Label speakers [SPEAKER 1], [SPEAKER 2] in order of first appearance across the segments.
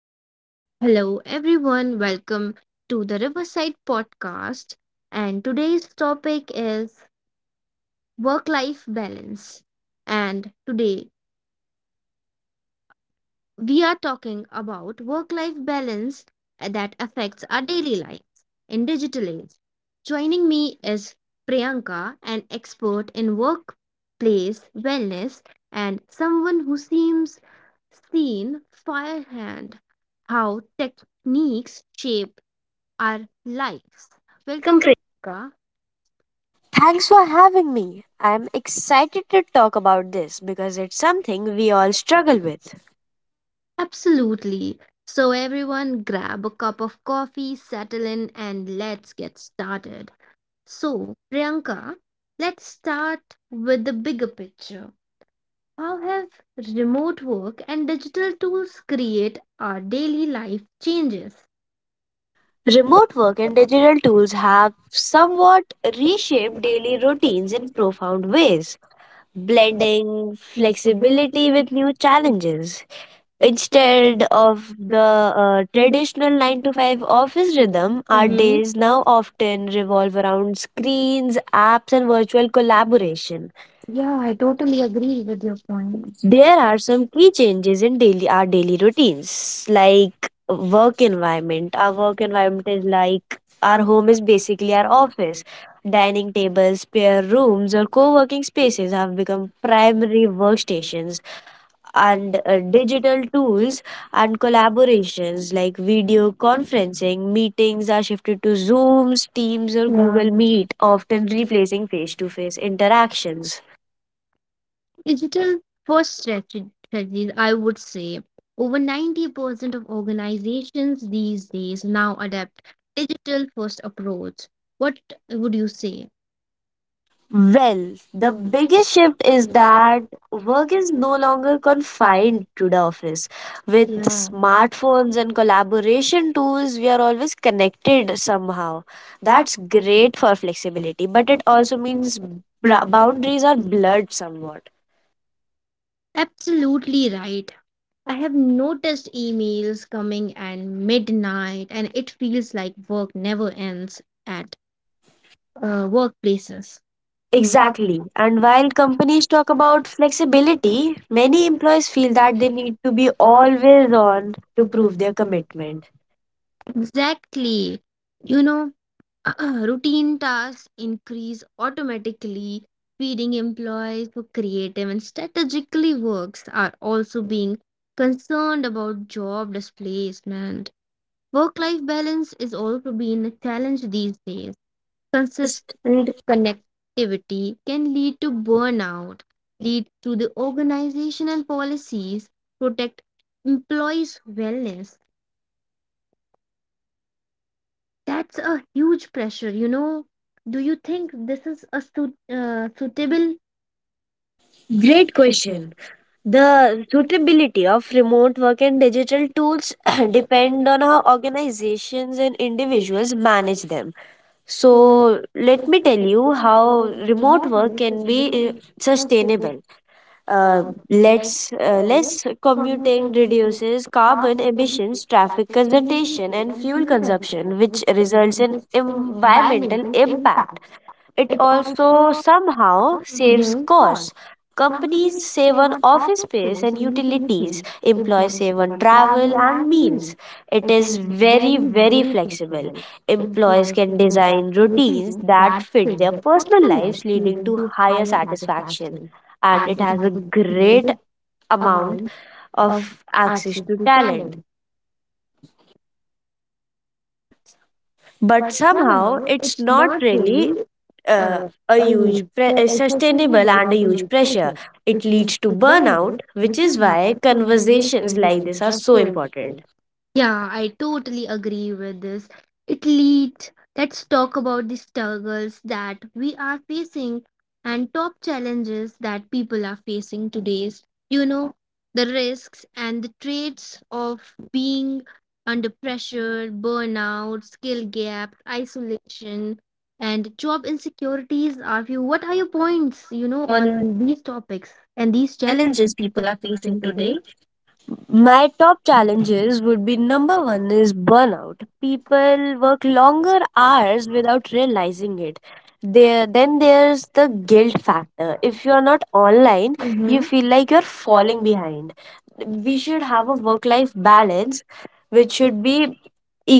[SPEAKER 1] Mm. Hello, everyone. Welcome to the Riverside Podcast. And today's topic is work life balance. And today we are talking about work life balance that affects our daily lives in digital age. Joining me is Priyanka, an expert in workplace wellness and someone who seems seen firehand how techniques shape our lives.
[SPEAKER 2] Welcome,
[SPEAKER 1] Welcome, Priyanka.
[SPEAKER 2] Thanks for having me. I'm excited to talk about this because it's something we all struggle with.
[SPEAKER 1] Absolutely. So, everyone, grab a cup of coffee, settle in, and let's get started. So, Priyanka, let's start with the bigger picture. How have remote work and digital tools create our daily life changes? Remote
[SPEAKER 2] Remote work and
[SPEAKER 1] work
[SPEAKER 2] digital tools
[SPEAKER 1] are
[SPEAKER 2] have
[SPEAKER 1] some
[SPEAKER 2] somewhat
[SPEAKER 1] reshape
[SPEAKER 2] reshaped daily
[SPEAKER 1] daily
[SPEAKER 2] routines
[SPEAKER 1] routines in
[SPEAKER 2] in
[SPEAKER 1] so far
[SPEAKER 2] profound ways,
[SPEAKER 1] blend
[SPEAKER 2] blending
[SPEAKER 1] flexibility
[SPEAKER 2] flexibility
[SPEAKER 1] with
[SPEAKER 2] with new
[SPEAKER 1] with
[SPEAKER 2] challenges.
[SPEAKER 1] extended
[SPEAKER 2] Instead
[SPEAKER 1] of
[SPEAKER 2] of the
[SPEAKER 1] the traditional
[SPEAKER 2] traditional 9 to 5
[SPEAKER 1] synthesizer of
[SPEAKER 2] office
[SPEAKER 1] freedom
[SPEAKER 2] rhythm,
[SPEAKER 1] I
[SPEAKER 2] our
[SPEAKER 1] Think
[SPEAKER 2] days now
[SPEAKER 1] now
[SPEAKER 2] often
[SPEAKER 1] experiences of
[SPEAKER 2] revolve around
[SPEAKER 1] free
[SPEAKER 2] screens, apps, and virtual
[SPEAKER 1] affirmation collaboration.
[SPEAKER 2] collaboration.
[SPEAKER 1] Yeah,
[SPEAKER 2] Yeah,
[SPEAKER 1] I
[SPEAKER 2] I
[SPEAKER 1] totally
[SPEAKER 2] totally agree
[SPEAKER 1] agree with
[SPEAKER 2] with
[SPEAKER 1] your
[SPEAKER 2] your
[SPEAKER 1] point.
[SPEAKER 2] point.
[SPEAKER 1] They
[SPEAKER 2] There are
[SPEAKER 1] have
[SPEAKER 2] some key
[SPEAKER 1] complete
[SPEAKER 2] changes in daily our daily routines,
[SPEAKER 1] like
[SPEAKER 2] like
[SPEAKER 1] working
[SPEAKER 2] work
[SPEAKER 1] libraries,
[SPEAKER 2] environment. Our
[SPEAKER 1] our
[SPEAKER 2] work
[SPEAKER 1] working
[SPEAKER 2] environment is
[SPEAKER 1] libraries like
[SPEAKER 2] like our
[SPEAKER 1] our
[SPEAKER 2] home is
[SPEAKER 1] music which
[SPEAKER 2] basically
[SPEAKER 1] we
[SPEAKER 2] our
[SPEAKER 1] are offered.
[SPEAKER 2] office.
[SPEAKER 1] Then
[SPEAKER 2] Dining
[SPEAKER 1] they
[SPEAKER 2] tables, spare
[SPEAKER 1] share rules,
[SPEAKER 2] rooms, or
[SPEAKER 1] they show
[SPEAKER 2] co-working
[SPEAKER 1] is
[SPEAKER 2] spaces have become primary
[SPEAKER 1] primary workers
[SPEAKER 2] workstations,
[SPEAKER 1] and
[SPEAKER 2] and digital
[SPEAKER 1] digital tools
[SPEAKER 2] tools and
[SPEAKER 1] and collaborations
[SPEAKER 2] collaborations
[SPEAKER 1] like
[SPEAKER 2] like
[SPEAKER 1] video
[SPEAKER 2] video
[SPEAKER 1] content
[SPEAKER 2] conferencing meetings are
[SPEAKER 1] to
[SPEAKER 2] shifted to
[SPEAKER 1] feel
[SPEAKER 2] Zooms, Teams, or
[SPEAKER 1] very Yeah.
[SPEAKER 2] Google
[SPEAKER 1] these
[SPEAKER 2] Meet, often
[SPEAKER 1] often replaces
[SPEAKER 2] replacing face-to-face
[SPEAKER 1] face-to-face interactions.
[SPEAKER 2] interactions.
[SPEAKER 1] Digital strategies, I would say, over 90% of organizations these days now adapt digital first approach. What would you say?
[SPEAKER 2] Well, the
[SPEAKER 1] The biggest
[SPEAKER 2] biggest shift is
[SPEAKER 1] is
[SPEAKER 2] that
[SPEAKER 1] that
[SPEAKER 2] work
[SPEAKER 1] work is
[SPEAKER 2] is no
[SPEAKER 1] no
[SPEAKER 2] longer
[SPEAKER 1] longer confined
[SPEAKER 2] confined to
[SPEAKER 1] to
[SPEAKER 2] the
[SPEAKER 1] the
[SPEAKER 2] office.
[SPEAKER 1] office. With
[SPEAKER 2] With
[SPEAKER 1] mass
[SPEAKER 2] smartphones
[SPEAKER 1] work
[SPEAKER 2] and
[SPEAKER 1] and collaboration,
[SPEAKER 2] collaboration tools, we are always connected somehow.
[SPEAKER 1] that's
[SPEAKER 2] That's
[SPEAKER 1] great.
[SPEAKER 2] great for flexibility, but
[SPEAKER 1] But
[SPEAKER 2] it
[SPEAKER 1] it's
[SPEAKER 2] also
[SPEAKER 1] also been
[SPEAKER 2] means
[SPEAKER 1] bound
[SPEAKER 2] boundaries are
[SPEAKER 1] with blood.
[SPEAKER 2] blurred somewhat.
[SPEAKER 1] Absolutely right. I have noticed emails coming at midnight and it feels like work never ends at workplaces. Exactly.
[SPEAKER 2] Exactly. And
[SPEAKER 1] And
[SPEAKER 2] while
[SPEAKER 1] while companies
[SPEAKER 2] companies talk
[SPEAKER 1] talk
[SPEAKER 2] about
[SPEAKER 1] about flexibility,
[SPEAKER 2] flexibility, many
[SPEAKER 1] many
[SPEAKER 2] employees feel
[SPEAKER 1] feel
[SPEAKER 2] that
[SPEAKER 1] that
[SPEAKER 2] they
[SPEAKER 1] they
[SPEAKER 2] need
[SPEAKER 1] need
[SPEAKER 2] to
[SPEAKER 1] to be
[SPEAKER 2] be
[SPEAKER 1] always
[SPEAKER 2] always on
[SPEAKER 1] on
[SPEAKER 2] to
[SPEAKER 1] to
[SPEAKER 2] prove
[SPEAKER 1] prove
[SPEAKER 2] their
[SPEAKER 1] their commitment.
[SPEAKER 2] commitment.
[SPEAKER 1] Exactly. You know, routine tasks increase automatically. Feeding employees for creative and strategically works are also being concerned about job displacement. Work life balance is also being a challenge these days
[SPEAKER 2] Consistent
[SPEAKER 1] consistent connectivity can lead to burnout, lead to the organizational policies, protect employees' wellness. That's a huge pressure, you know. Do you think this is a suitable great
[SPEAKER 2] Great question.
[SPEAKER 1] question? Now,
[SPEAKER 2] The suitability of remote work and digital tools depend on how organizations and individuals manage them.
[SPEAKER 1] so,
[SPEAKER 2] So,
[SPEAKER 1] like
[SPEAKER 2] let me
[SPEAKER 1] you
[SPEAKER 2] tell
[SPEAKER 1] can do
[SPEAKER 2] you
[SPEAKER 1] how
[SPEAKER 2] how remote
[SPEAKER 1] remote work
[SPEAKER 2] work
[SPEAKER 1] is
[SPEAKER 2] can
[SPEAKER 1] really
[SPEAKER 2] be
[SPEAKER 1] in such a
[SPEAKER 2] sustainable.
[SPEAKER 1] uh,
[SPEAKER 2] Uh,
[SPEAKER 1] let's
[SPEAKER 2] let's
[SPEAKER 1] let's
[SPEAKER 2] Less
[SPEAKER 1] communicate
[SPEAKER 2] commuting
[SPEAKER 1] with the
[SPEAKER 2] reduces carbon
[SPEAKER 1] problem services
[SPEAKER 2] emissions,
[SPEAKER 1] such as
[SPEAKER 2] traffic
[SPEAKER 1] conservation
[SPEAKER 2] congestion, and
[SPEAKER 1] and
[SPEAKER 2] fuel
[SPEAKER 1] fuel consumption,
[SPEAKER 2] consumption,
[SPEAKER 1] which
[SPEAKER 2] which results
[SPEAKER 1] reduces
[SPEAKER 2] in environmental
[SPEAKER 1] environmental impact.
[SPEAKER 2] impact. It
[SPEAKER 1] It
[SPEAKER 2] also
[SPEAKER 1] also
[SPEAKER 2] somehow
[SPEAKER 1] now
[SPEAKER 2] saves
[SPEAKER 1] saves costs.
[SPEAKER 2] costs. Companies
[SPEAKER 1] Companies
[SPEAKER 2] save
[SPEAKER 1] save
[SPEAKER 2] on
[SPEAKER 1] on
[SPEAKER 2] office
[SPEAKER 1] office
[SPEAKER 2] space
[SPEAKER 1] space
[SPEAKER 2] and
[SPEAKER 1] and
[SPEAKER 2] utilities,
[SPEAKER 1] utilities,
[SPEAKER 2] employees
[SPEAKER 1] employees save
[SPEAKER 2] save on
[SPEAKER 1] on
[SPEAKER 2] travel
[SPEAKER 1] travel
[SPEAKER 2] and
[SPEAKER 1] and meals.
[SPEAKER 2] meals. It
[SPEAKER 1] It is
[SPEAKER 2] is very,
[SPEAKER 1] very,
[SPEAKER 2] very
[SPEAKER 1] very
[SPEAKER 2] flexible.
[SPEAKER 1] flexible.
[SPEAKER 2] Employees
[SPEAKER 1] Employees can
[SPEAKER 2] can
[SPEAKER 1] design
[SPEAKER 2] design routines
[SPEAKER 1] routines that
[SPEAKER 2] that fit
[SPEAKER 1] fit
[SPEAKER 2] their
[SPEAKER 1] their
[SPEAKER 2] personal
[SPEAKER 1] personal lives,
[SPEAKER 2] lives, leading
[SPEAKER 1] leading
[SPEAKER 2] to
[SPEAKER 1] to
[SPEAKER 2] higher
[SPEAKER 1] higher
[SPEAKER 2] satisfaction,
[SPEAKER 1] satisfaction
[SPEAKER 2] and
[SPEAKER 1] and
[SPEAKER 2] it
[SPEAKER 1] it has
[SPEAKER 2] has a
[SPEAKER 1] a
[SPEAKER 2] great
[SPEAKER 1] great amount
[SPEAKER 2] amount
[SPEAKER 1] of
[SPEAKER 2] of
[SPEAKER 1] access
[SPEAKER 2] access
[SPEAKER 1] to
[SPEAKER 2] to
[SPEAKER 1] talent.
[SPEAKER 2] talent.
[SPEAKER 1] But
[SPEAKER 2] But somehow
[SPEAKER 1] somehow it's
[SPEAKER 2] it's not
[SPEAKER 1] not
[SPEAKER 2] really
[SPEAKER 1] really uh, a huge, a
[SPEAKER 2] sustainable
[SPEAKER 1] sustainable
[SPEAKER 2] and
[SPEAKER 1] and
[SPEAKER 2] a
[SPEAKER 1] a huge
[SPEAKER 2] huge
[SPEAKER 1] pressure.
[SPEAKER 2] pressure.
[SPEAKER 1] It
[SPEAKER 2] It
[SPEAKER 1] leads
[SPEAKER 2] leads to
[SPEAKER 1] to
[SPEAKER 2] burnout,
[SPEAKER 1] burnout,
[SPEAKER 2] which
[SPEAKER 1] which is
[SPEAKER 2] is
[SPEAKER 1] why
[SPEAKER 2] why conversations
[SPEAKER 1] conversations
[SPEAKER 2] like
[SPEAKER 1] like this
[SPEAKER 2] this are
[SPEAKER 1] are
[SPEAKER 2] so
[SPEAKER 1] so important.
[SPEAKER 2] important.
[SPEAKER 1] Yeah, I totally agree with this. It leads. Let's talk about the struggles that we are facing and top challenges that people are facing today's. You know, the risks and the traits of being under pressure, burnout, skill gap, isolation, and job insecurities are few. What are your points, you
[SPEAKER 2] You
[SPEAKER 1] know,
[SPEAKER 2] know on
[SPEAKER 1] on these topics and
[SPEAKER 2] and these
[SPEAKER 1] these challenges
[SPEAKER 2] challenges
[SPEAKER 1] people
[SPEAKER 2] people are
[SPEAKER 1] are facing
[SPEAKER 2] facing today,
[SPEAKER 1] today?
[SPEAKER 2] my
[SPEAKER 1] Macro
[SPEAKER 2] top challenges
[SPEAKER 1] challenges
[SPEAKER 2] would
[SPEAKER 1] would
[SPEAKER 2] be,
[SPEAKER 1] be number
[SPEAKER 2] number one
[SPEAKER 1] one
[SPEAKER 2] is
[SPEAKER 1] is one.
[SPEAKER 2] burnout.
[SPEAKER 1] People
[SPEAKER 2] People work
[SPEAKER 1] perform
[SPEAKER 2] longer
[SPEAKER 1] their art
[SPEAKER 2] hours
[SPEAKER 1] without
[SPEAKER 2] without realizing
[SPEAKER 1] realizing it.
[SPEAKER 2] it.
[SPEAKER 1] They
[SPEAKER 2] Then
[SPEAKER 1] then
[SPEAKER 2] there's the
[SPEAKER 1] gain
[SPEAKER 2] guilt factor.
[SPEAKER 1] factor. If
[SPEAKER 2] If you
[SPEAKER 1] you
[SPEAKER 2] are
[SPEAKER 1] are not
[SPEAKER 2] not
[SPEAKER 1] following, up,
[SPEAKER 2] online, Mhm. you
[SPEAKER 1] you feel
[SPEAKER 2] feel
[SPEAKER 1] like
[SPEAKER 2] like you're
[SPEAKER 1] you're
[SPEAKER 2] falling
[SPEAKER 1] falling
[SPEAKER 2] behind.
[SPEAKER 1] behind.
[SPEAKER 2] We
[SPEAKER 1] We should
[SPEAKER 2] should have
[SPEAKER 1] have a
[SPEAKER 2] a work
[SPEAKER 1] work-life
[SPEAKER 2] life
[SPEAKER 1] balance,
[SPEAKER 2] balance, which
[SPEAKER 1] which
[SPEAKER 2] should
[SPEAKER 1] should
[SPEAKER 2] be
[SPEAKER 1] be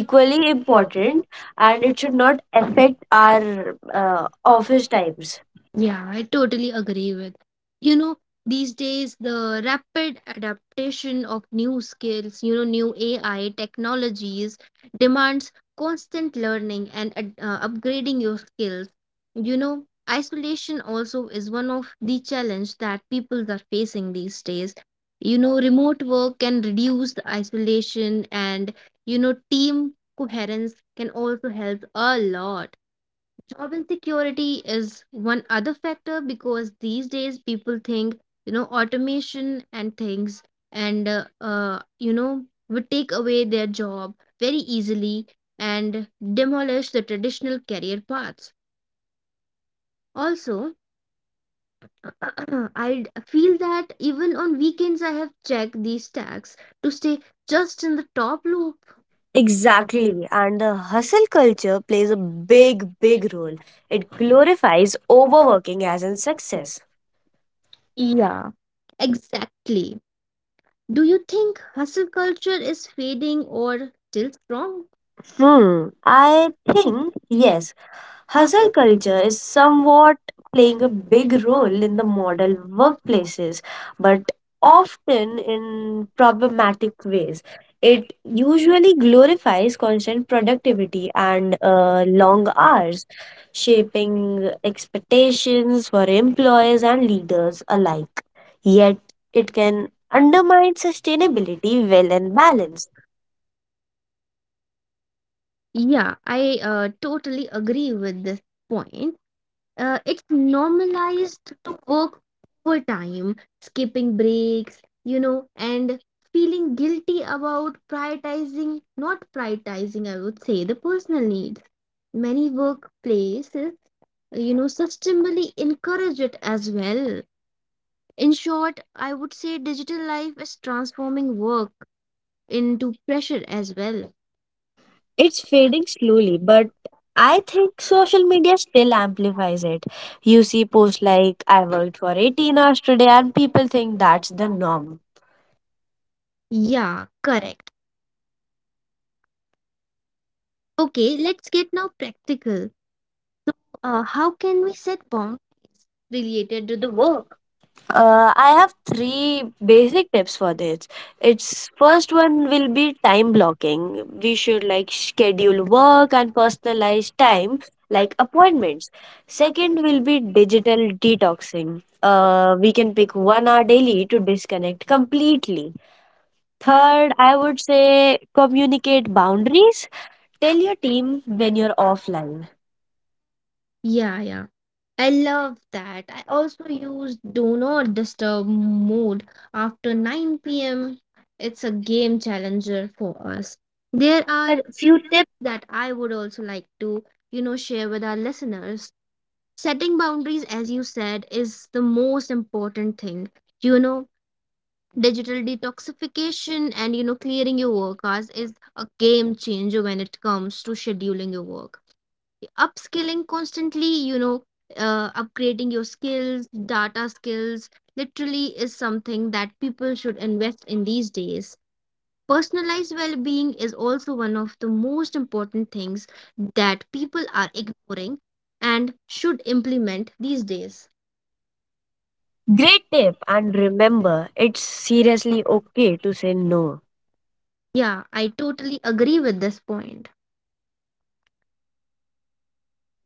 [SPEAKER 2] equally important,
[SPEAKER 1] important
[SPEAKER 2] and
[SPEAKER 1] and
[SPEAKER 2] it
[SPEAKER 1] it should
[SPEAKER 2] should
[SPEAKER 1] not
[SPEAKER 2] not
[SPEAKER 1] affect
[SPEAKER 2] affect our
[SPEAKER 1] our
[SPEAKER 2] office
[SPEAKER 1] office
[SPEAKER 2] times.
[SPEAKER 1] times. Yeah, I totally agree with. You know, these days the rapid adaptation of new skills, you know, new AI technologies demands constant learning and upgrading your skills. You know, isolation also is one of the challenge that people are facing these days. You know, remote work can reduce the isolation and you know, team coherence can also help a lot. Job insecurity is one other factor because these days people think, you know, automation and things and, you know, would take away their job very easily and demolish the traditional career paths. Also, I feel that even on weekends, I have checked these tags to stay just in the top loop. Exactly.
[SPEAKER 2] Exactly. And the hustle culture plays a
[SPEAKER 1] Big,
[SPEAKER 2] big,
[SPEAKER 1] big
[SPEAKER 2] big role.
[SPEAKER 1] way.
[SPEAKER 2] It
[SPEAKER 1] It glorifies
[SPEAKER 2] glorifies
[SPEAKER 1] overwork
[SPEAKER 2] overworking as in
[SPEAKER 1] rather success.
[SPEAKER 2] success.
[SPEAKER 1] Yeah, exactly. Do you think hustle culture is fading or still strong? Hmm.
[SPEAKER 2] Hmm.
[SPEAKER 1] I
[SPEAKER 2] I
[SPEAKER 1] think,
[SPEAKER 2] think,
[SPEAKER 1] yes,
[SPEAKER 2] yes, hustle
[SPEAKER 1] hustle
[SPEAKER 2] culture
[SPEAKER 1] culture
[SPEAKER 2] is
[SPEAKER 1] is somewhat
[SPEAKER 2] somewhat playing
[SPEAKER 1] playing
[SPEAKER 2] a
[SPEAKER 1] a
[SPEAKER 2] big
[SPEAKER 1] big role
[SPEAKER 2] role in
[SPEAKER 1] in
[SPEAKER 2] the
[SPEAKER 1] the modern
[SPEAKER 2] modern workplaces,
[SPEAKER 1] workplaces,
[SPEAKER 2] but
[SPEAKER 1] but
[SPEAKER 2] often
[SPEAKER 1] often
[SPEAKER 2] in
[SPEAKER 1] in
[SPEAKER 2] problematic
[SPEAKER 1] problematic ways.
[SPEAKER 2] ways. It
[SPEAKER 1] It usually
[SPEAKER 2] usually
[SPEAKER 1] glorifies
[SPEAKER 2] glorifies constant
[SPEAKER 1] constant productivity
[SPEAKER 2] productivity
[SPEAKER 1] and
[SPEAKER 2] and
[SPEAKER 1] long
[SPEAKER 2] long
[SPEAKER 1] hours,
[SPEAKER 2] hours, shaping
[SPEAKER 1] shaping expectations
[SPEAKER 2] expectations for
[SPEAKER 1] for
[SPEAKER 2] employees
[SPEAKER 1] employees
[SPEAKER 2] and
[SPEAKER 1] and leaders
[SPEAKER 2] leaders
[SPEAKER 1] alike.
[SPEAKER 2] alike.
[SPEAKER 1] Yes,
[SPEAKER 2] Yet, it
[SPEAKER 1] it can
[SPEAKER 2] can undermine
[SPEAKER 1] understandably
[SPEAKER 2] sustainability, well,
[SPEAKER 1] well
[SPEAKER 2] and
[SPEAKER 1] balanced.
[SPEAKER 2] balance.
[SPEAKER 1] Yeah, I totally agree with this point. It's normalized to work overtime, skipping breaks, you know, and feeling guilty about prioritizing, not prioritizing, I would say, the personal needs. Many workplaces, you know, systemally encourage it as well. In short, I would say digital life is transforming work into pressure as well. It's
[SPEAKER 2] It's
[SPEAKER 1] fading
[SPEAKER 2] fading slowly,
[SPEAKER 1] slowly,
[SPEAKER 2] but
[SPEAKER 1] but
[SPEAKER 2] I
[SPEAKER 1] I think
[SPEAKER 2] think
[SPEAKER 1] there's
[SPEAKER 2] social media
[SPEAKER 1] still
[SPEAKER 2] still
[SPEAKER 1] amplifies
[SPEAKER 2] amplifies
[SPEAKER 1] it.
[SPEAKER 2] it. You
[SPEAKER 1] Music
[SPEAKER 2] see
[SPEAKER 1] is
[SPEAKER 2] posts
[SPEAKER 1] like
[SPEAKER 2] like, I
[SPEAKER 1] and
[SPEAKER 2] worked for 18
[SPEAKER 1] encouraging
[SPEAKER 2] hours
[SPEAKER 1] us
[SPEAKER 2] today,
[SPEAKER 1] there are
[SPEAKER 2] and people
[SPEAKER 1] people
[SPEAKER 2] think
[SPEAKER 1] think that's
[SPEAKER 2] that's the
[SPEAKER 1] the norm.
[SPEAKER 2] norm.
[SPEAKER 1] Yeah, correct. Okay, let's get now practical. How can we set bounds
[SPEAKER 2] Created
[SPEAKER 1] related to
[SPEAKER 2] due to
[SPEAKER 1] the work?
[SPEAKER 2] work.
[SPEAKER 1] Uh, I
[SPEAKER 2] I
[SPEAKER 1] have
[SPEAKER 2] have
[SPEAKER 1] three
[SPEAKER 2] three
[SPEAKER 1] basic
[SPEAKER 2] basic
[SPEAKER 1] tips
[SPEAKER 2] tips for
[SPEAKER 1] for this.
[SPEAKER 2] this.
[SPEAKER 1] It's
[SPEAKER 2] It's
[SPEAKER 1] first
[SPEAKER 2] first
[SPEAKER 1] one
[SPEAKER 2] one will
[SPEAKER 1] is
[SPEAKER 2] be time
[SPEAKER 1] time blocking.
[SPEAKER 2] blocking. We
[SPEAKER 1] We
[SPEAKER 2] should
[SPEAKER 1] should
[SPEAKER 2] like schedule
[SPEAKER 1] schedule work
[SPEAKER 2] work and
[SPEAKER 1] and personalized
[SPEAKER 2] personalize time
[SPEAKER 1] time, like
[SPEAKER 2] like
[SPEAKER 1] appointments.
[SPEAKER 2] appointments.
[SPEAKER 1] Second
[SPEAKER 2] Second will
[SPEAKER 1] is
[SPEAKER 2] be digital
[SPEAKER 1] digital detoxing.
[SPEAKER 2] detoxing. We
[SPEAKER 1] You can
[SPEAKER 2] can
[SPEAKER 1] take
[SPEAKER 2] pick one
[SPEAKER 1] one
[SPEAKER 2] hour
[SPEAKER 1] hour
[SPEAKER 2] daily
[SPEAKER 1] daily
[SPEAKER 2] to
[SPEAKER 1] to
[SPEAKER 2] disconnect
[SPEAKER 1] disconnect. Complete
[SPEAKER 2] completely.
[SPEAKER 1] time,
[SPEAKER 2] Third, I
[SPEAKER 1] I would
[SPEAKER 2] would
[SPEAKER 1] say,
[SPEAKER 2] say communicate
[SPEAKER 1] communicate boundaries
[SPEAKER 2] boundaries. Tell
[SPEAKER 1] when
[SPEAKER 2] your
[SPEAKER 1] you feel
[SPEAKER 2] team when
[SPEAKER 1] when you're
[SPEAKER 2] you're offline.
[SPEAKER 1] offline. Yeah, yeah. I love that. I also use Do Not Disturb mode after 9 pm. It's a game challenger for us.
[SPEAKER 2] There
[SPEAKER 1] There are
[SPEAKER 2] are few
[SPEAKER 1] few
[SPEAKER 2] tips.
[SPEAKER 1] tips that I would also like to, you know, share with our listeners. Setting boundaries, as you said, is the most important thing. You know, digital detoxification and, you know, clearing your work hours is a game changer when it comes to scheduling your work upskilling constantly you know upgrading your skills data skills literally is something that people should invest in these days personalized well-being is also one of the most important things that people are ignoring and should implement these days. Great
[SPEAKER 2] Great
[SPEAKER 1] tip
[SPEAKER 2] tip.
[SPEAKER 1] and
[SPEAKER 2] And
[SPEAKER 1] great singer.
[SPEAKER 2] remember, it's
[SPEAKER 1] It's beautiful
[SPEAKER 2] seriously okay
[SPEAKER 1] okay
[SPEAKER 2] to
[SPEAKER 1] to
[SPEAKER 2] say
[SPEAKER 1] know.
[SPEAKER 2] no.
[SPEAKER 1] Yeah, I totally agree with this point.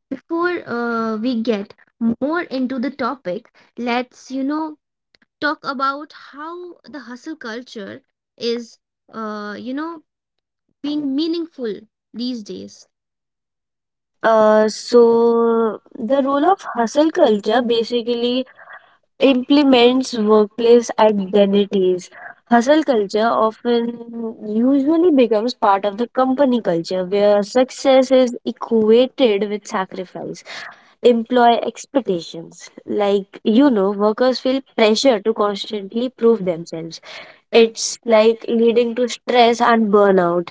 [SPEAKER 1] Before we get more into the topic, let's, you know, talk about how the hustle culture is, you know, being meaningful these days. Uh,
[SPEAKER 2] Uh,
[SPEAKER 1] so
[SPEAKER 2] so the
[SPEAKER 1] the role
[SPEAKER 2] role
[SPEAKER 1] of
[SPEAKER 2] of hustle
[SPEAKER 1] hustle
[SPEAKER 2] culture
[SPEAKER 1] culture
[SPEAKER 2] basically
[SPEAKER 1] basically implements
[SPEAKER 2] implements
[SPEAKER 1] workplace
[SPEAKER 2] workplace
[SPEAKER 1] identity.
[SPEAKER 2] identities.
[SPEAKER 1] Hustle
[SPEAKER 2] Hustle culture
[SPEAKER 1] culture
[SPEAKER 2] often
[SPEAKER 1] also usually
[SPEAKER 2] usually becomes part
[SPEAKER 1] part
[SPEAKER 2] of
[SPEAKER 1] of the
[SPEAKER 2] the company
[SPEAKER 1] company culture
[SPEAKER 2] culture where
[SPEAKER 1] where success
[SPEAKER 2] success
[SPEAKER 1] is
[SPEAKER 2] is
[SPEAKER 1] equated
[SPEAKER 2] equated
[SPEAKER 1] with
[SPEAKER 2] with
[SPEAKER 1] sacrifice.
[SPEAKER 2] sacrifice,
[SPEAKER 1] Employ
[SPEAKER 2] employee
[SPEAKER 1] critics
[SPEAKER 2] expectations.
[SPEAKER 1] like
[SPEAKER 2] Like,
[SPEAKER 1] you put
[SPEAKER 2] workers feel
[SPEAKER 1] the pressure
[SPEAKER 2] pressure to constantly
[SPEAKER 1] constantly to
[SPEAKER 2] prove
[SPEAKER 1] themselves.
[SPEAKER 2] themselves.
[SPEAKER 1] It's
[SPEAKER 2] It's
[SPEAKER 1] like
[SPEAKER 2] like
[SPEAKER 1] leading
[SPEAKER 2] leading to
[SPEAKER 1] stress
[SPEAKER 2] stress and
[SPEAKER 1] under
[SPEAKER 2] burnout.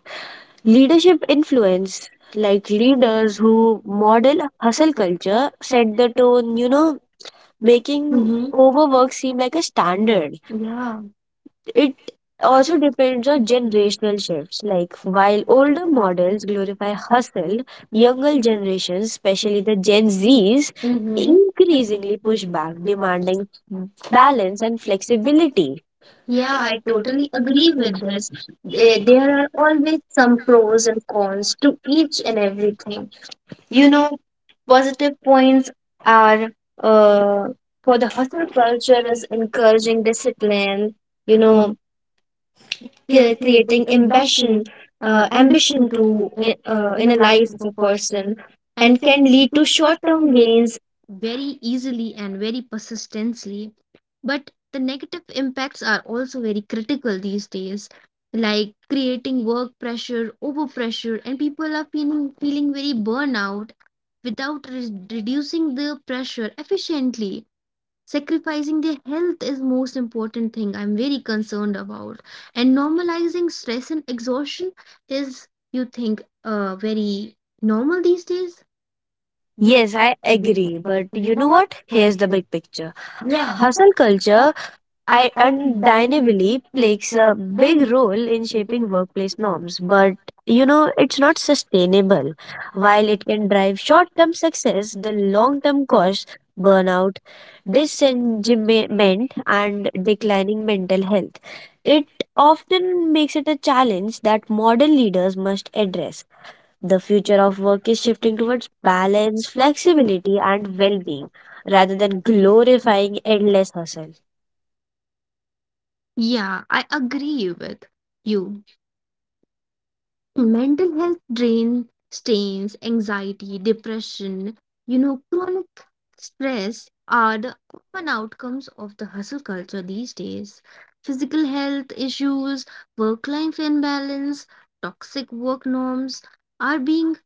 [SPEAKER 1] leading
[SPEAKER 2] Leadership
[SPEAKER 1] stress,
[SPEAKER 2] influence,
[SPEAKER 1] like
[SPEAKER 2] like
[SPEAKER 1] he
[SPEAKER 2] leaders
[SPEAKER 1] doesn't use
[SPEAKER 2] who model
[SPEAKER 1] modern Hassan
[SPEAKER 2] hustle culture,
[SPEAKER 1] particular said
[SPEAKER 2] set the
[SPEAKER 1] about
[SPEAKER 2] tone,
[SPEAKER 1] you know
[SPEAKER 2] making
[SPEAKER 1] making Over
[SPEAKER 2] Overwork
[SPEAKER 1] something
[SPEAKER 2] seem
[SPEAKER 1] like
[SPEAKER 2] like a
[SPEAKER 1] a standard.
[SPEAKER 2] standard.
[SPEAKER 1] Yeah it
[SPEAKER 2] It also
[SPEAKER 1] also represents
[SPEAKER 2] depends
[SPEAKER 1] the
[SPEAKER 2] on
[SPEAKER 1] generation.
[SPEAKER 2] generational
[SPEAKER 1] Shift,
[SPEAKER 2] shifts.
[SPEAKER 1] like
[SPEAKER 2] Like
[SPEAKER 1] while
[SPEAKER 2] while older
[SPEAKER 1] older models
[SPEAKER 2] models glorify
[SPEAKER 1] glorify
[SPEAKER 2] hustle,
[SPEAKER 1] hustle, younger
[SPEAKER 2] younger generations,
[SPEAKER 1] generations, especially
[SPEAKER 2] especially
[SPEAKER 1] the
[SPEAKER 2] the Gen
[SPEAKER 1] Gen Z,
[SPEAKER 2] Zs,
[SPEAKER 1] who really
[SPEAKER 2] increasingly
[SPEAKER 1] easily push
[SPEAKER 2] push back,
[SPEAKER 1] back,
[SPEAKER 2] demanding
[SPEAKER 1] demanding balance
[SPEAKER 2] balance
[SPEAKER 1] and
[SPEAKER 2] and
[SPEAKER 1] flexibility.
[SPEAKER 2] flexibility. Yeah,
[SPEAKER 1] Yeah, I
[SPEAKER 2] I totally
[SPEAKER 1] totally agree
[SPEAKER 2] agree with
[SPEAKER 1] with
[SPEAKER 2] this.
[SPEAKER 1] this. Eh, there
[SPEAKER 2] There
[SPEAKER 1] are
[SPEAKER 2] are always
[SPEAKER 1] always
[SPEAKER 2] some
[SPEAKER 1] some pros
[SPEAKER 2] pros and
[SPEAKER 1] and
[SPEAKER 2] cons
[SPEAKER 1] cons
[SPEAKER 2] to
[SPEAKER 1] to each
[SPEAKER 2] each and
[SPEAKER 1] and everything.
[SPEAKER 2] everything.
[SPEAKER 1] You
[SPEAKER 2] You
[SPEAKER 1] know,
[SPEAKER 2] know, positive
[SPEAKER 1] positive points
[SPEAKER 2] points are,
[SPEAKER 1] are
[SPEAKER 2] uh,
[SPEAKER 1] uh, for
[SPEAKER 2] for the
[SPEAKER 1] the hustle
[SPEAKER 2] hustle culture,
[SPEAKER 1] culture
[SPEAKER 2] is
[SPEAKER 1] is
[SPEAKER 2] encouraging
[SPEAKER 1] encouraging discipline,
[SPEAKER 2] discipline, you
[SPEAKER 1] you know,
[SPEAKER 2] know,
[SPEAKER 1] yeah, creating
[SPEAKER 2] creating ambition,
[SPEAKER 1] ambition,
[SPEAKER 2] uh,
[SPEAKER 1] ambition
[SPEAKER 2] ambition
[SPEAKER 1] to
[SPEAKER 2] to
[SPEAKER 1] in
[SPEAKER 2] in
[SPEAKER 1] a
[SPEAKER 2] a
[SPEAKER 1] life
[SPEAKER 2] life
[SPEAKER 1] of
[SPEAKER 2] of
[SPEAKER 1] a
[SPEAKER 2] a
[SPEAKER 1] person,
[SPEAKER 2] person,
[SPEAKER 1] and
[SPEAKER 2] and
[SPEAKER 1] can
[SPEAKER 2] can
[SPEAKER 1] lead
[SPEAKER 2] lead
[SPEAKER 1] to
[SPEAKER 2] to short
[SPEAKER 1] short-term
[SPEAKER 2] term
[SPEAKER 1] gains
[SPEAKER 2] gains.
[SPEAKER 1] very easily and very persistently. But the negative impacts are also very critical these days, like creating work pressure, overpressure, and people are feeling very burnout without reducing the pressure efficiently sacrificing their health is most important thing I'm very concerned about and normalizing stress and exhaustion is you think very normal these days. Yes,
[SPEAKER 2] Yes,
[SPEAKER 1] I
[SPEAKER 2] I
[SPEAKER 1] agree.
[SPEAKER 2] agree.
[SPEAKER 1] But
[SPEAKER 2] But
[SPEAKER 1] you
[SPEAKER 2] you
[SPEAKER 1] know
[SPEAKER 2] know
[SPEAKER 1] what?
[SPEAKER 2] what?
[SPEAKER 1] Here's
[SPEAKER 2] Here's the
[SPEAKER 1] the
[SPEAKER 2] big
[SPEAKER 1] kicker.
[SPEAKER 2] picture. Yeah.
[SPEAKER 1] Yeah, Hasan.
[SPEAKER 2] Hustle
[SPEAKER 1] uh,
[SPEAKER 2] culture I
[SPEAKER 1] I dining believe
[SPEAKER 2] undeniably plays
[SPEAKER 1] makes
[SPEAKER 2] a
[SPEAKER 1] a big
[SPEAKER 2] big role
[SPEAKER 1] difference in
[SPEAKER 2] in
[SPEAKER 1] shaping
[SPEAKER 2] shaping workplace
[SPEAKER 1] workplace norms.
[SPEAKER 2] norms, but
[SPEAKER 1] But you know,
[SPEAKER 2] it's not
[SPEAKER 1] what's really
[SPEAKER 2] sustainable.
[SPEAKER 1] frustrating?
[SPEAKER 2] While
[SPEAKER 1] While it
[SPEAKER 2] it can
[SPEAKER 1] seems like
[SPEAKER 2] drive short
[SPEAKER 1] short-term
[SPEAKER 2] term
[SPEAKER 1] success,
[SPEAKER 2] success,
[SPEAKER 1] the
[SPEAKER 2] the long
[SPEAKER 1] long-term
[SPEAKER 2] term costs,
[SPEAKER 1] cost,
[SPEAKER 2] burnout,
[SPEAKER 1] this is deliberate
[SPEAKER 2] disengagement,
[SPEAKER 1] and
[SPEAKER 2] and
[SPEAKER 1] deliberate
[SPEAKER 2] declining
[SPEAKER 1] means
[SPEAKER 2] mental health. It
[SPEAKER 1] it was
[SPEAKER 2] often makes it a
[SPEAKER 1] something
[SPEAKER 2] challenge
[SPEAKER 1] that
[SPEAKER 2] that modern
[SPEAKER 1] volume
[SPEAKER 2] leaders must
[SPEAKER 1] service
[SPEAKER 2] address. The
[SPEAKER 1] the
[SPEAKER 2] future of
[SPEAKER 1] philosophy
[SPEAKER 2] work is shifting
[SPEAKER 1] to
[SPEAKER 2] towards
[SPEAKER 1] man of
[SPEAKER 2] balance,
[SPEAKER 1] flexibility
[SPEAKER 2] flexibility,
[SPEAKER 1] and
[SPEAKER 2] and well being
[SPEAKER 1] wealthiness rather
[SPEAKER 2] rather
[SPEAKER 1] than
[SPEAKER 2] than
[SPEAKER 1] look with
[SPEAKER 2] glorifying
[SPEAKER 1] everything.
[SPEAKER 2] endless hustle.
[SPEAKER 1] Yeah, I agree with you. Mental health drain strains, anxiety, depression, you know, chronic stress are the common outcomes of the hustle culture these days. Physical health issues, work life imbalance, toxic work norms are being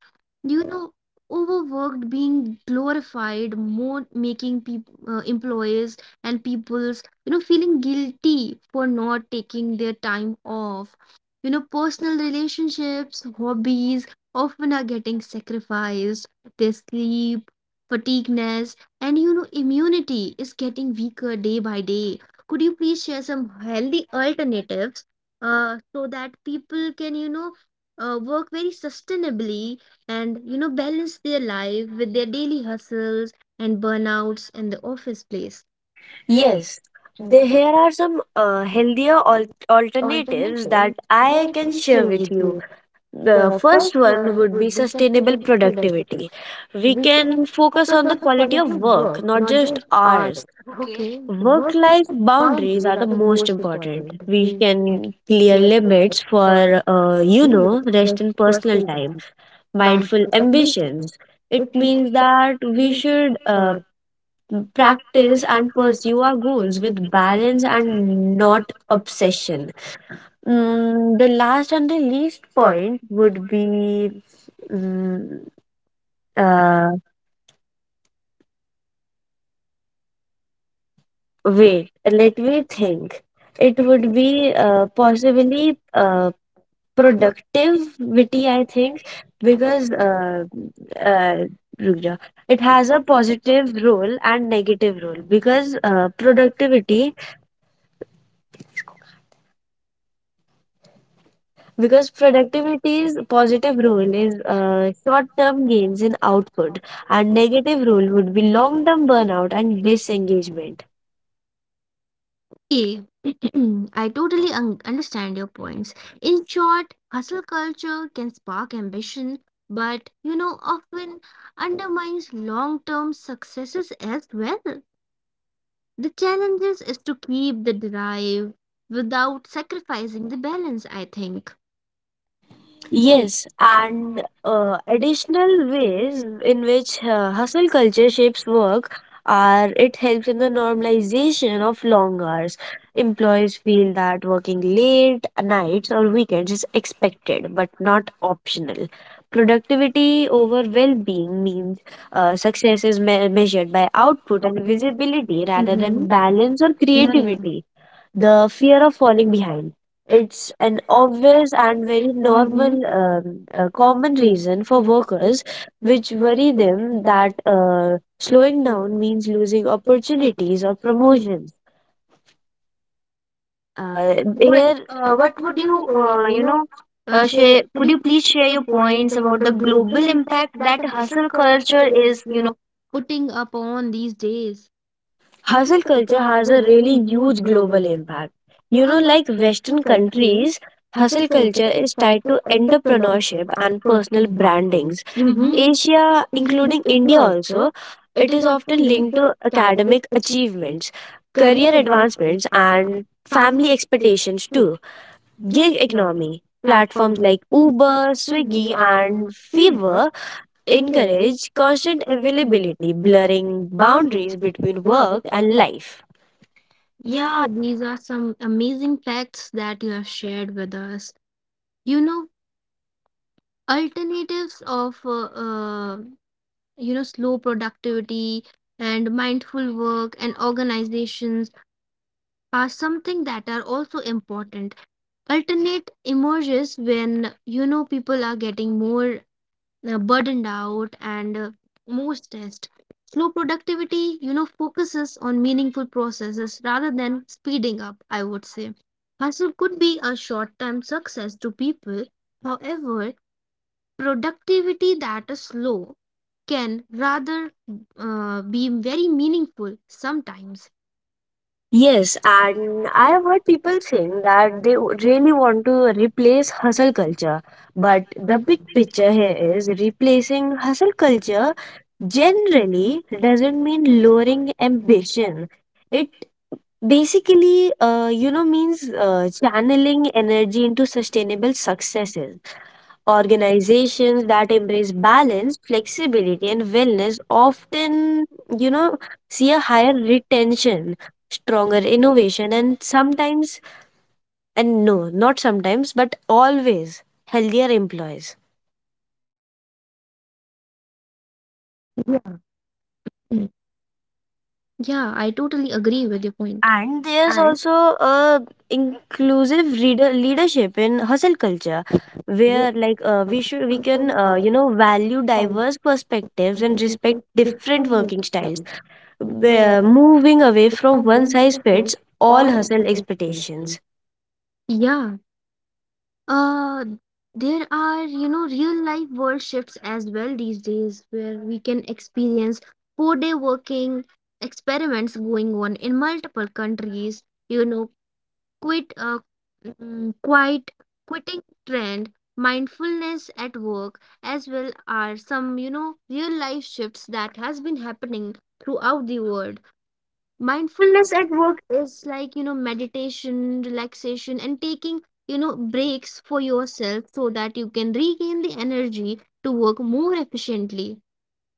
[SPEAKER 1] you know overworked being glorified more making people employees and people's you know feeling guilty for not taking their time off you know personal relationships hobbies often are getting sacrificed their sleep fatigueness and you know immunity is getting weaker day by day. Could you please share some healthy alternatives so that people can you know work very sustainably and you know balance their life with their daily hustles and burnouts in the office place. Yes,
[SPEAKER 2] Yes,
[SPEAKER 1] they have
[SPEAKER 2] here are some
[SPEAKER 1] alternatives.
[SPEAKER 2] alternatives that
[SPEAKER 1] I
[SPEAKER 2] I can
[SPEAKER 1] can share
[SPEAKER 2] share
[SPEAKER 1] with
[SPEAKER 2] with
[SPEAKER 1] you.
[SPEAKER 2] you.
[SPEAKER 1] The
[SPEAKER 2] The
[SPEAKER 1] first
[SPEAKER 2] first
[SPEAKER 1] one
[SPEAKER 2] one
[SPEAKER 1] would
[SPEAKER 2] would
[SPEAKER 1] be
[SPEAKER 2] be
[SPEAKER 1] sustainable
[SPEAKER 2] sustainable
[SPEAKER 1] productivity.
[SPEAKER 2] productivity.
[SPEAKER 1] We
[SPEAKER 2] We
[SPEAKER 1] can
[SPEAKER 2] can
[SPEAKER 1] focus
[SPEAKER 2] focus
[SPEAKER 1] on
[SPEAKER 2] on
[SPEAKER 1] the
[SPEAKER 2] the
[SPEAKER 1] quality
[SPEAKER 2] quality
[SPEAKER 1] of
[SPEAKER 2] of
[SPEAKER 1] work,
[SPEAKER 2] work,
[SPEAKER 1] not
[SPEAKER 2] not
[SPEAKER 1] just
[SPEAKER 2] just
[SPEAKER 1] hours.
[SPEAKER 2] hours.
[SPEAKER 1] Okay,
[SPEAKER 2] Okay.
[SPEAKER 1] work
[SPEAKER 2] Work life
[SPEAKER 1] boundaries
[SPEAKER 2] boundaries
[SPEAKER 1] are
[SPEAKER 2] are
[SPEAKER 1] the
[SPEAKER 2] the
[SPEAKER 1] most
[SPEAKER 2] most
[SPEAKER 1] important.
[SPEAKER 2] important. We can
[SPEAKER 1] We
[SPEAKER 2] clear
[SPEAKER 1] are focused
[SPEAKER 2] limits
[SPEAKER 1] for
[SPEAKER 2] for,
[SPEAKER 1] you know, just
[SPEAKER 2] rest and
[SPEAKER 1] personal
[SPEAKER 2] personal time,
[SPEAKER 1] mindful
[SPEAKER 2] mindful
[SPEAKER 1] ambitions.
[SPEAKER 2] ambitions. It
[SPEAKER 1] It means
[SPEAKER 2] means
[SPEAKER 1] that
[SPEAKER 2] that we
[SPEAKER 1] we should
[SPEAKER 2] should
[SPEAKER 1] practice
[SPEAKER 2] practice and
[SPEAKER 1] and pursue
[SPEAKER 2] pursue
[SPEAKER 1] our
[SPEAKER 2] our
[SPEAKER 1] goals
[SPEAKER 2] goals
[SPEAKER 1] with
[SPEAKER 2] with
[SPEAKER 1] balance
[SPEAKER 2] balance
[SPEAKER 1] and
[SPEAKER 2] and
[SPEAKER 1] not
[SPEAKER 2] not
[SPEAKER 1] obsession.
[SPEAKER 2] obsession.
[SPEAKER 1] Mm,
[SPEAKER 2] The last and the least
[SPEAKER 1] first
[SPEAKER 2] point
[SPEAKER 1] would
[SPEAKER 2] would be mm,
[SPEAKER 1] uh,
[SPEAKER 2] uh,
[SPEAKER 1] work
[SPEAKER 2] wait,
[SPEAKER 1] and
[SPEAKER 2] let me
[SPEAKER 1] everything.
[SPEAKER 2] think.
[SPEAKER 1] It
[SPEAKER 2] It
[SPEAKER 1] would
[SPEAKER 2] would
[SPEAKER 1] be
[SPEAKER 2] be
[SPEAKER 1] possibly
[SPEAKER 2] possibly
[SPEAKER 1] productive, which is,
[SPEAKER 2] productivity, I
[SPEAKER 1] I think,
[SPEAKER 2] think, because
[SPEAKER 1] because uh,
[SPEAKER 2] uh, रुक जाओ.
[SPEAKER 1] it
[SPEAKER 2] It
[SPEAKER 1] has
[SPEAKER 2] has
[SPEAKER 1] a
[SPEAKER 2] a positive
[SPEAKER 1] positive growth
[SPEAKER 2] role and
[SPEAKER 1] and negative
[SPEAKER 2] negative role
[SPEAKER 1] one, because
[SPEAKER 2] because productivity,
[SPEAKER 1] productivity, because
[SPEAKER 2] because
[SPEAKER 1] we think
[SPEAKER 2] productivity's
[SPEAKER 1] following
[SPEAKER 2] positive role is
[SPEAKER 1] us
[SPEAKER 2] short-term gains
[SPEAKER 1] in
[SPEAKER 2] in output, and
[SPEAKER 1] outcomes.
[SPEAKER 2] negative role would be long-term burnout and disengagement.
[SPEAKER 1] Yeah, I totally understand your points. In short, hustle culture can spark ambition, but, you know, often undermines long term successes as well. The challenge is to keep the drive without sacrificing the balance, I think. Yes,
[SPEAKER 2] Yes, and
[SPEAKER 1] and additional
[SPEAKER 2] additional ways
[SPEAKER 1] thing
[SPEAKER 2] in
[SPEAKER 1] in
[SPEAKER 2] which hustle culture shapes
[SPEAKER 1] uh,
[SPEAKER 2] work
[SPEAKER 1] are
[SPEAKER 2] are, it helps
[SPEAKER 1] excited
[SPEAKER 2] in the
[SPEAKER 1] when we be there
[SPEAKER 2] normalization
[SPEAKER 1] was
[SPEAKER 2] of
[SPEAKER 1] long
[SPEAKER 2] long
[SPEAKER 1] life,
[SPEAKER 2] hours.
[SPEAKER 1] enjoy
[SPEAKER 2] Employees feel
[SPEAKER 1] food at
[SPEAKER 2] that
[SPEAKER 1] the
[SPEAKER 2] working
[SPEAKER 1] musician,
[SPEAKER 2] late
[SPEAKER 1] and Irish
[SPEAKER 2] nights or weekends
[SPEAKER 1] musicians
[SPEAKER 2] is
[SPEAKER 1] expected
[SPEAKER 2] expected
[SPEAKER 1] but
[SPEAKER 2] but
[SPEAKER 1] not
[SPEAKER 2] not
[SPEAKER 1] optimal.
[SPEAKER 2] optional.
[SPEAKER 1] Productivity
[SPEAKER 2] Productivity
[SPEAKER 1] is
[SPEAKER 2] over well
[SPEAKER 1] well-being
[SPEAKER 2] being
[SPEAKER 1] means
[SPEAKER 2] means
[SPEAKER 1] sustainable
[SPEAKER 2] measured by
[SPEAKER 1] output
[SPEAKER 2] output
[SPEAKER 1] and
[SPEAKER 2] and
[SPEAKER 1] digital
[SPEAKER 2] visibility
[SPEAKER 1] rather
[SPEAKER 2] rather than
[SPEAKER 1] than balance
[SPEAKER 2] Balance or
[SPEAKER 1] and creativity,
[SPEAKER 2] Creativity,
[SPEAKER 1] the
[SPEAKER 2] the
[SPEAKER 1] fear
[SPEAKER 2] fear
[SPEAKER 1] of
[SPEAKER 2] of
[SPEAKER 1] falling
[SPEAKER 2] falling
[SPEAKER 1] behind.
[SPEAKER 2] behind.
[SPEAKER 1] It's
[SPEAKER 2] It's an
[SPEAKER 1] an always
[SPEAKER 2] obvious and
[SPEAKER 1] and very
[SPEAKER 2] very
[SPEAKER 1] normal.
[SPEAKER 2] normal,
[SPEAKER 1] Mhm.
[SPEAKER 2] common
[SPEAKER 1] Compliment
[SPEAKER 2] reason
[SPEAKER 1] to
[SPEAKER 2] for
[SPEAKER 1] workers
[SPEAKER 2] workers,
[SPEAKER 1] with
[SPEAKER 2] which
[SPEAKER 1] very
[SPEAKER 2] worry
[SPEAKER 1] business
[SPEAKER 2] them
[SPEAKER 1] that
[SPEAKER 2] that
[SPEAKER 1] your
[SPEAKER 2] slowing down
[SPEAKER 1] company
[SPEAKER 2] means
[SPEAKER 1] is
[SPEAKER 2] losing opportunities
[SPEAKER 1] opportunities
[SPEAKER 2] or
[SPEAKER 1] of promotion.
[SPEAKER 2] promotions. Uh, But
[SPEAKER 1] Even,
[SPEAKER 2] here, But uh,
[SPEAKER 1] what
[SPEAKER 2] what would
[SPEAKER 1] would you,
[SPEAKER 2] you,
[SPEAKER 1] you know, share,
[SPEAKER 2] share?
[SPEAKER 1] could
[SPEAKER 2] Could
[SPEAKER 1] you
[SPEAKER 2] you
[SPEAKER 1] please
[SPEAKER 2] please share
[SPEAKER 1] share your
[SPEAKER 2] your
[SPEAKER 1] points
[SPEAKER 2] points
[SPEAKER 1] about
[SPEAKER 2] about
[SPEAKER 1] the
[SPEAKER 2] the
[SPEAKER 1] global
[SPEAKER 2] global
[SPEAKER 1] impact
[SPEAKER 2] impact
[SPEAKER 1] that
[SPEAKER 2] that
[SPEAKER 1] hustle
[SPEAKER 2] hustle
[SPEAKER 1] culture
[SPEAKER 2] culture
[SPEAKER 1] is,
[SPEAKER 2] is,
[SPEAKER 1] you
[SPEAKER 2] you know?
[SPEAKER 1] know, putting up on these days, having
[SPEAKER 2] Hustle
[SPEAKER 1] to
[SPEAKER 2] culture has a really huge global
[SPEAKER 1] have?
[SPEAKER 2] impact. You know, like
[SPEAKER 1] In
[SPEAKER 2] Western
[SPEAKER 1] countries,
[SPEAKER 2] countries, hustle culture
[SPEAKER 1] agriculture is
[SPEAKER 2] is
[SPEAKER 1] tied
[SPEAKER 2] tied
[SPEAKER 1] to
[SPEAKER 2] to
[SPEAKER 1] entrepreneurs
[SPEAKER 2] entrepreneurship
[SPEAKER 1] and
[SPEAKER 2] and
[SPEAKER 1] to
[SPEAKER 2] personal
[SPEAKER 1] branches.
[SPEAKER 2] brandings.
[SPEAKER 1] Mm-hmm. In
[SPEAKER 2] Asia, including India also,
[SPEAKER 1] India, it
[SPEAKER 2] it
[SPEAKER 1] is
[SPEAKER 2] is often linked
[SPEAKER 1] also
[SPEAKER 2] to
[SPEAKER 1] academic
[SPEAKER 2] academic
[SPEAKER 1] achievements,
[SPEAKER 2] achievements,
[SPEAKER 1] career
[SPEAKER 2] career
[SPEAKER 1] advances,
[SPEAKER 2] advancements,
[SPEAKER 1] and
[SPEAKER 2] and family
[SPEAKER 1] family expectations
[SPEAKER 2] expectations
[SPEAKER 1] too.
[SPEAKER 2] too.
[SPEAKER 1] Gig
[SPEAKER 2] Gig
[SPEAKER 1] economy
[SPEAKER 2] economy. Platforms
[SPEAKER 1] platforms like
[SPEAKER 2] like
[SPEAKER 1] Uber,
[SPEAKER 2] Uber,
[SPEAKER 1] Swiggy,
[SPEAKER 2] Swiggy, and
[SPEAKER 1] and Fiverr
[SPEAKER 2] Fiverr
[SPEAKER 1] encourage
[SPEAKER 2] encourage
[SPEAKER 1] constant
[SPEAKER 2] constant
[SPEAKER 1] availability,
[SPEAKER 2] availability,
[SPEAKER 1] blurring
[SPEAKER 2] blurring boundaries
[SPEAKER 1] boundaries
[SPEAKER 2] between
[SPEAKER 1] between work
[SPEAKER 2] work and
[SPEAKER 1] and life.
[SPEAKER 2] life. Yeah,
[SPEAKER 1] Yeah, these are some amazing facts that you have shared with us. You know, alternatives of you know, slow productivity and mindful work and organizations are something that are also important. Alternate emerges when, you know, people are getting more burdened out and more stressed. Slow productivity, you know, focuses on meaningful processes rather than speeding up, I would say. Hustle could be a short term success to people, however productivity that is slow can rather be very meaningful sometimes. Yes,
[SPEAKER 2] Yes, and
[SPEAKER 1] and
[SPEAKER 2] I
[SPEAKER 1] I
[SPEAKER 2] have heard
[SPEAKER 1] heard
[SPEAKER 2] people
[SPEAKER 1] people saying
[SPEAKER 2] saying
[SPEAKER 1] that
[SPEAKER 2] that they
[SPEAKER 1] they
[SPEAKER 2] really
[SPEAKER 1] really
[SPEAKER 2] want
[SPEAKER 1] want to
[SPEAKER 2] to
[SPEAKER 1] replace
[SPEAKER 2] replace
[SPEAKER 1] hustle
[SPEAKER 2] hustle culture.
[SPEAKER 1] culture. But
[SPEAKER 2] But
[SPEAKER 1] the
[SPEAKER 2] the
[SPEAKER 1] big
[SPEAKER 2] big picture
[SPEAKER 1] picture here
[SPEAKER 2] here
[SPEAKER 1] is
[SPEAKER 2] is
[SPEAKER 1] replacing
[SPEAKER 2] replacing hustle culture
[SPEAKER 1] culture just
[SPEAKER 2] generally
[SPEAKER 1] simply doesn't
[SPEAKER 2] doesn't
[SPEAKER 1] mean
[SPEAKER 2] mean lowering
[SPEAKER 1] lowering
[SPEAKER 2] ambition.
[SPEAKER 1] ambitions.
[SPEAKER 2] It
[SPEAKER 1] It is,
[SPEAKER 2] basically,
[SPEAKER 1] you know,
[SPEAKER 2] means
[SPEAKER 1] channeling
[SPEAKER 2] channeling
[SPEAKER 1] energy
[SPEAKER 2] energy into
[SPEAKER 1] into
[SPEAKER 2] sustainable
[SPEAKER 1] sustainable success.
[SPEAKER 2] successes.
[SPEAKER 1] Organization
[SPEAKER 2] Organizations that
[SPEAKER 1] that embrace
[SPEAKER 2] embrace
[SPEAKER 1] balance,
[SPEAKER 2] balance,
[SPEAKER 1] flexibility,
[SPEAKER 2] flexibility, and
[SPEAKER 1] and wellness
[SPEAKER 2] wellness
[SPEAKER 1] often,
[SPEAKER 2] often, you
[SPEAKER 1] you know,
[SPEAKER 2] know,
[SPEAKER 1] see
[SPEAKER 2] see a
[SPEAKER 1] a high
[SPEAKER 2] higher
[SPEAKER 1] retention,
[SPEAKER 2] retention,
[SPEAKER 1] tension,
[SPEAKER 2] stronger
[SPEAKER 1] strong innovation,
[SPEAKER 2] innovation,
[SPEAKER 1] and
[SPEAKER 2] and
[SPEAKER 1] sometimes.
[SPEAKER 2] sometimes, and no, not sometimes, but always healthier employees.
[SPEAKER 1] Yeah, I totally agree with your point. And
[SPEAKER 2] And there's also a inclusive reader leadership in hustle culture,
[SPEAKER 1] with
[SPEAKER 2] where
[SPEAKER 1] uh,
[SPEAKER 2] we can
[SPEAKER 1] certain
[SPEAKER 2] value
[SPEAKER 1] exercise,
[SPEAKER 2] diverse
[SPEAKER 1] I
[SPEAKER 2] perspectives
[SPEAKER 1] think
[SPEAKER 2] and
[SPEAKER 1] it's a
[SPEAKER 2] respect different
[SPEAKER 1] different way to
[SPEAKER 2] working
[SPEAKER 1] exercise,
[SPEAKER 2] styles,
[SPEAKER 1] where
[SPEAKER 2] the moving away
[SPEAKER 1] it's a
[SPEAKER 2] from one
[SPEAKER 1] well
[SPEAKER 2] size
[SPEAKER 1] check
[SPEAKER 2] fits
[SPEAKER 1] or
[SPEAKER 2] all hustle
[SPEAKER 1] into education.
[SPEAKER 2] expectations.
[SPEAKER 1] Yeah. Uh there are, you know, real life world shifts as well these days where we can experience 4-day working experiments going on in multiple countries. You know, quit mm, quite quitting trend, mindfulness at work as well are some, you know, real life shifts that has been happening throughout the world. Mindfulness
[SPEAKER 2] Mindfulness at
[SPEAKER 1] at
[SPEAKER 2] work.
[SPEAKER 1] work is like, you know, meditation, relaxation, and taking, you know, breaks for yourself so that you can regain the energy to work more efficiently.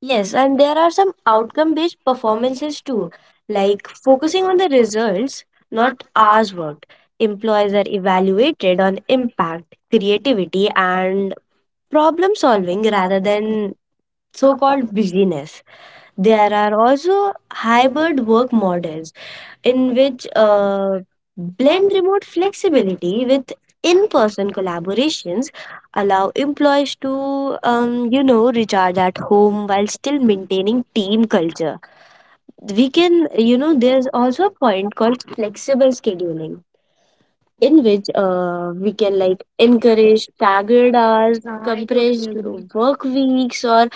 [SPEAKER 1] Yes,
[SPEAKER 2] and there are some outcome
[SPEAKER 1] outcomes
[SPEAKER 2] based
[SPEAKER 1] performances
[SPEAKER 2] performances too,
[SPEAKER 1] too, like
[SPEAKER 2] like focusing
[SPEAKER 1] focusing
[SPEAKER 2] on
[SPEAKER 1] on
[SPEAKER 2] the
[SPEAKER 1] signal,
[SPEAKER 2] results,
[SPEAKER 1] not
[SPEAKER 2] not hours
[SPEAKER 1] argument,
[SPEAKER 2] worked. Employees
[SPEAKER 1] implies
[SPEAKER 2] are
[SPEAKER 1] value
[SPEAKER 2] evaluated
[SPEAKER 1] without
[SPEAKER 2] on
[SPEAKER 1] impact,
[SPEAKER 2] impact, creativity,
[SPEAKER 1] creativity,
[SPEAKER 2] and problem solving
[SPEAKER 1] outcome rather
[SPEAKER 2] rather than
[SPEAKER 1] than
[SPEAKER 2] so
[SPEAKER 1] so-called
[SPEAKER 2] called
[SPEAKER 1] beginner.
[SPEAKER 2] busyness.
[SPEAKER 1] They are
[SPEAKER 2] There are also
[SPEAKER 1] hybrid
[SPEAKER 2] hybrid
[SPEAKER 1] work
[SPEAKER 2] work
[SPEAKER 1] models
[SPEAKER 2] models in
[SPEAKER 1] in which
[SPEAKER 2] which blend
[SPEAKER 1] blend
[SPEAKER 2] remote
[SPEAKER 1] flexibility
[SPEAKER 2] flexibility
[SPEAKER 1] with
[SPEAKER 2] with in-person
[SPEAKER 1] in-person
[SPEAKER 2] collaborations,
[SPEAKER 1] collaborations,
[SPEAKER 2] allow
[SPEAKER 1] allowing people
[SPEAKER 2] employees
[SPEAKER 1] to
[SPEAKER 2] to
[SPEAKER 1] relocate as
[SPEAKER 2] recharge at
[SPEAKER 1] home
[SPEAKER 2] home while
[SPEAKER 1] while
[SPEAKER 2] still
[SPEAKER 1] still
[SPEAKER 2] maintaining
[SPEAKER 1] maintaining
[SPEAKER 2] team
[SPEAKER 1] team culture.
[SPEAKER 2] culture. We
[SPEAKER 1] We can,
[SPEAKER 2] can, you
[SPEAKER 1] you
[SPEAKER 2] know,
[SPEAKER 1] know, this
[SPEAKER 2] there's
[SPEAKER 1] is also
[SPEAKER 2] also a
[SPEAKER 1] a point
[SPEAKER 2] point
[SPEAKER 1] for
[SPEAKER 2] called flexible
[SPEAKER 1] flexible
[SPEAKER 2] scheduling
[SPEAKER 1] scheduling.
[SPEAKER 2] in
[SPEAKER 1] In this,
[SPEAKER 2] which
[SPEAKER 1] we
[SPEAKER 2] we can
[SPEAKER 1] can, like,
[SPEAKER 2] like encourage
[SPEAKER 1] encourage
[SPEAKER 2] staggered
[SPEAKER 1] staggered hours,
[SPEAKER 2] hours, compressed
[SPEAKER 1] during work
[SPEAKER 2] work
[SPEAKER 1] weeks
[SPEAKER 2] weeks, or
[SPEAKER 1] or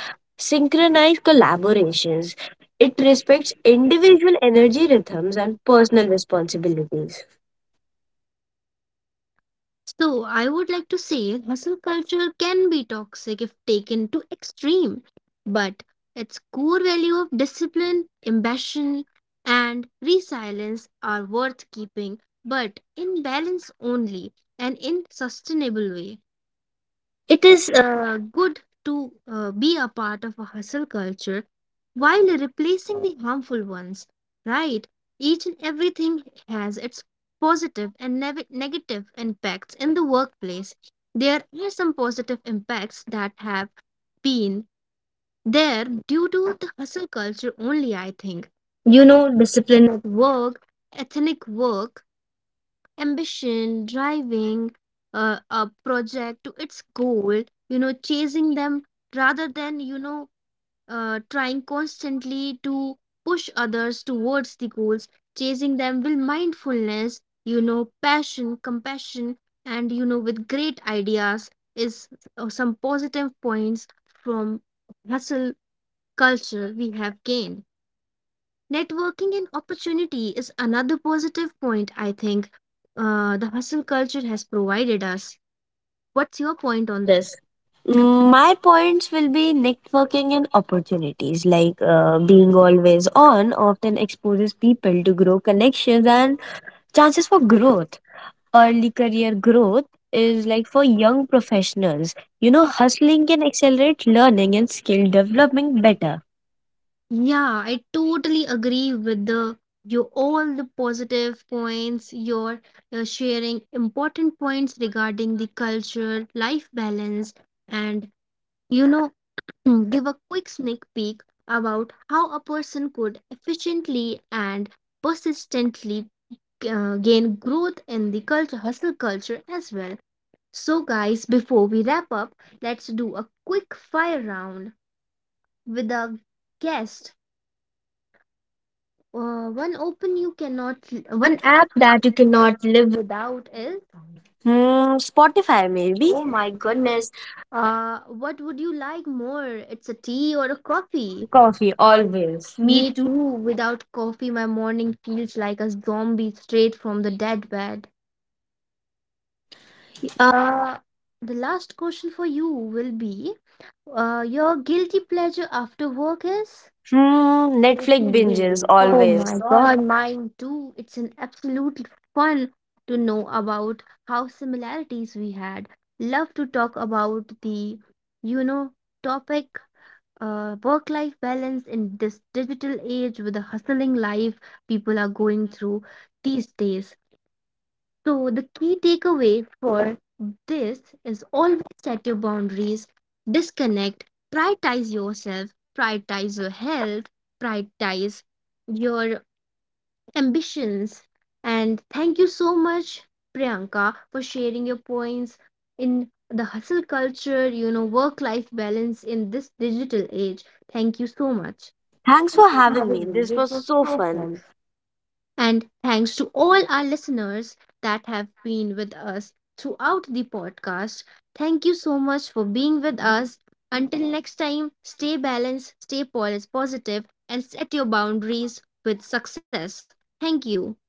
[SPEAKER 1] synchronized
[SPEAKER 2] synchronized
[SPEAKER 1] collaborations.
[SPEAKER 2] collaborations. It
[SPEAKER 1] It respects
[SPEAKER 2] respects
[SPEAKER 1] individual
[SPEAKER 2] individual energy
[SPEAKER 1] regular
[SPEAKER 2] rhythms
[SPEAKER 1] rhythms
[SPEAKER 2] and
[SPEAKER 1] and personal
[SPEAKER 2] personal
[SPEAKER 1] responsibilities.
[SPEAKER 2] responsibilities.
[SPEAKER 1] So, I would like to say hustle culture can be toxic if taken to extreme, but its core value of discipline, ambition, and resilience are worth keeping, but in balance only and in sustainable way.
[SPEAKER 2] It
[SPEAKER 1] It is
[SPEAKER 2] is,
[SPEAKER 1] good to be a part of a hustle culture while replacing the harmful ones, right? Each and everything has its positive and negative impacts in the workplace. There are some positive impacts that have been there due to the hustle culture only, I think. You know,
[SPEAKER 2] disciplined
[SPEAKER 1] discipline at work, ethnic work, ambition, driving a project to its goal, you know, chasing them rather than, you know, trying constantly to push others towards the goals, chasing them with mindfulness, you know, passion, compassion, and, you know, with great ideas is some positive points from hustle culture we have gained. Networking and opportunity is another positive point, I think the hustle culture has provided us. What's your point
[SPEAKER 2] on
[SPEAKER 1] on this?
[SPEAKER 2] this. My points will be
[SPEAKER 1] Networking
[SPEAKER 2] networking
[SPEAKER 1] and
[SPEAKER 2] and
[SPEAKER 1] opportunities,
[SPEAKER 2] opportunities.
[SPEAKER 1] like
[SPEAKER 2] Like being
[SPEAKER 1] being
[SPEAKER 2] always on
[SPEAKER 1] on
[SPEAKER 2] often
[SPEAKER 1] often exposes
[SPEAKER 2] exposes people
[SPEAKER 1] people to
[SPEAKER 2] to
[SPEAKER 1] great
[SPEAKER 2] grow
[SPEAKER 1] connections
[SPEAKER 2] connections
[SPEAKER 1] and
[SPEAKER 2] and
[SPEAKER 1] chances
[SPEAKER 2] chances for
[SPEAKER 1] for growth.
[SPEAKER 2] growth. Early
[SPEAKER 1] Early
[SPEAKER 2] career
[SPEAKER 1] career growth
[SPEAKER 2] growth
[SPEAKER 1] is
[SPEAKER 2] is like
[SPEAKER 1] like
[SPEAKER 2] for
[SPEAKER 1] for
[SPEAKER 2] young
[SPEAKER 1] young professionals.
[SPEAKER 2] professionals. You
[SPEAKER 1] You
[SPEAKER 2] know,
[SPEAKER 1] know,
[SPEAKER 2] hustling
[SPEAKER 1] hustling
[SPEAKER 2] can
[SPEAKER 1] accelerates
[SPEAKER 2] accelerate learning
[SPEAKER 1] learning
[SPEAKER 2] and
[SPEAKER 1] and skill
[SPEAKER 2] skill development
[SPEAKER 1] development
[SPEAKER 2] better.
[SPEAKER 1] better. Yeah, I totally agree with the, you all the positive points you're sharing important points regarding the culture, life balance, and, you know, give a quick sneak peek about how a person could efficiently and persistently gain growth in the culture, hustle culture as well. So guys, before we wrap up, let's do a quick fire round with a guest. Uh, one open you cannot,
[SPEAKER 2] One
[SPEAKER 1] One
[SPEAKER 2] app
[SPEAKER 1] app
[SPEAKER 2] that
[SPEAKER 1] that
[SPEAKER 2] you
[SPEAKER 1] you cannot
[SPEAKER 2] cannot live.
[SPEAKER 1] live without is. Mm,
[SPEAKER 2] Hmm, Spotify
[SPEAKER 1] Spotify, maybe.
[SPEAKER 2] maybe.
[SPEAKER 1] Oh
[SPEAKER 2] Oh
[SPEAKER 1] my
[SPEAKER 2] my
[SPEAKER 1] goodness.
[SPEAKER 2] goodness.
[SPEAKER 1] What would you like more? It's a tea or a
[SPEAKER 2] Coffee.
[SPEAKER 1] coffee? Coffee,
[SPEAKER 2] Coffee
[SPEAKER 1] always.
[SPEAKER 2] always.
[SPEAKER 1] Me
[SPEAKER 2] Me too.
[SPEAKER 1] too. Without coffee, my morning feels like a zombie straight from the dead bed.
[SPEAKER 2] Uh,
[SPEAKER 1] Uh, the last question for you will be, your guilty pleasure after work is?
[SPEAKER 2] Hmm, Netflix
[SPEAKER 1] Ethnic
[SPEAKER 2] binges,
[SPEAKER 1] buildings.
[SPEAKER 2] oh
[SPEAKER 1] Oh
[SPEAKER 2] always.
[SPEAKER 1] my
[SPEAKER 2] God.
[SPEAKER 1] god, mine too. It's an absolute fun to know about how similarities we had. Love to talk about the, you know, topic work life balance in this digital age with the hustling life people are going through these days. So, the key takeaway for this is always set your boundaries, disconnect, prioritize yourself, prioritize your health, prioritize your ambitions. And thank you so much, Priyanka, for sharing your points in the hustle culture, you know, work life balance in this digital age. Thank you so much.
[SPEAKER 2] Thanks
[SPEAKER 1] Thank
[SPEAKER 2] for
[SPEAKER 1] you for
[SPEAKER 2] having me.
[SPEAKER 1] having
[SPEAKER 2] This
[SPEAKER 1] me. It
[SPEAKER 2] was
[SPEAKER 1] was
[SPEAKER 2] so
[SPEAKER 1] so
[SPEAKER 2] fun.
[SPEAKER 1] fun. And thanks to all our listeners that have been with us throughout the podcast. Thank you so much for being with us. Until next time, stay balanced, positive, and set your boundaries with success. Thank you.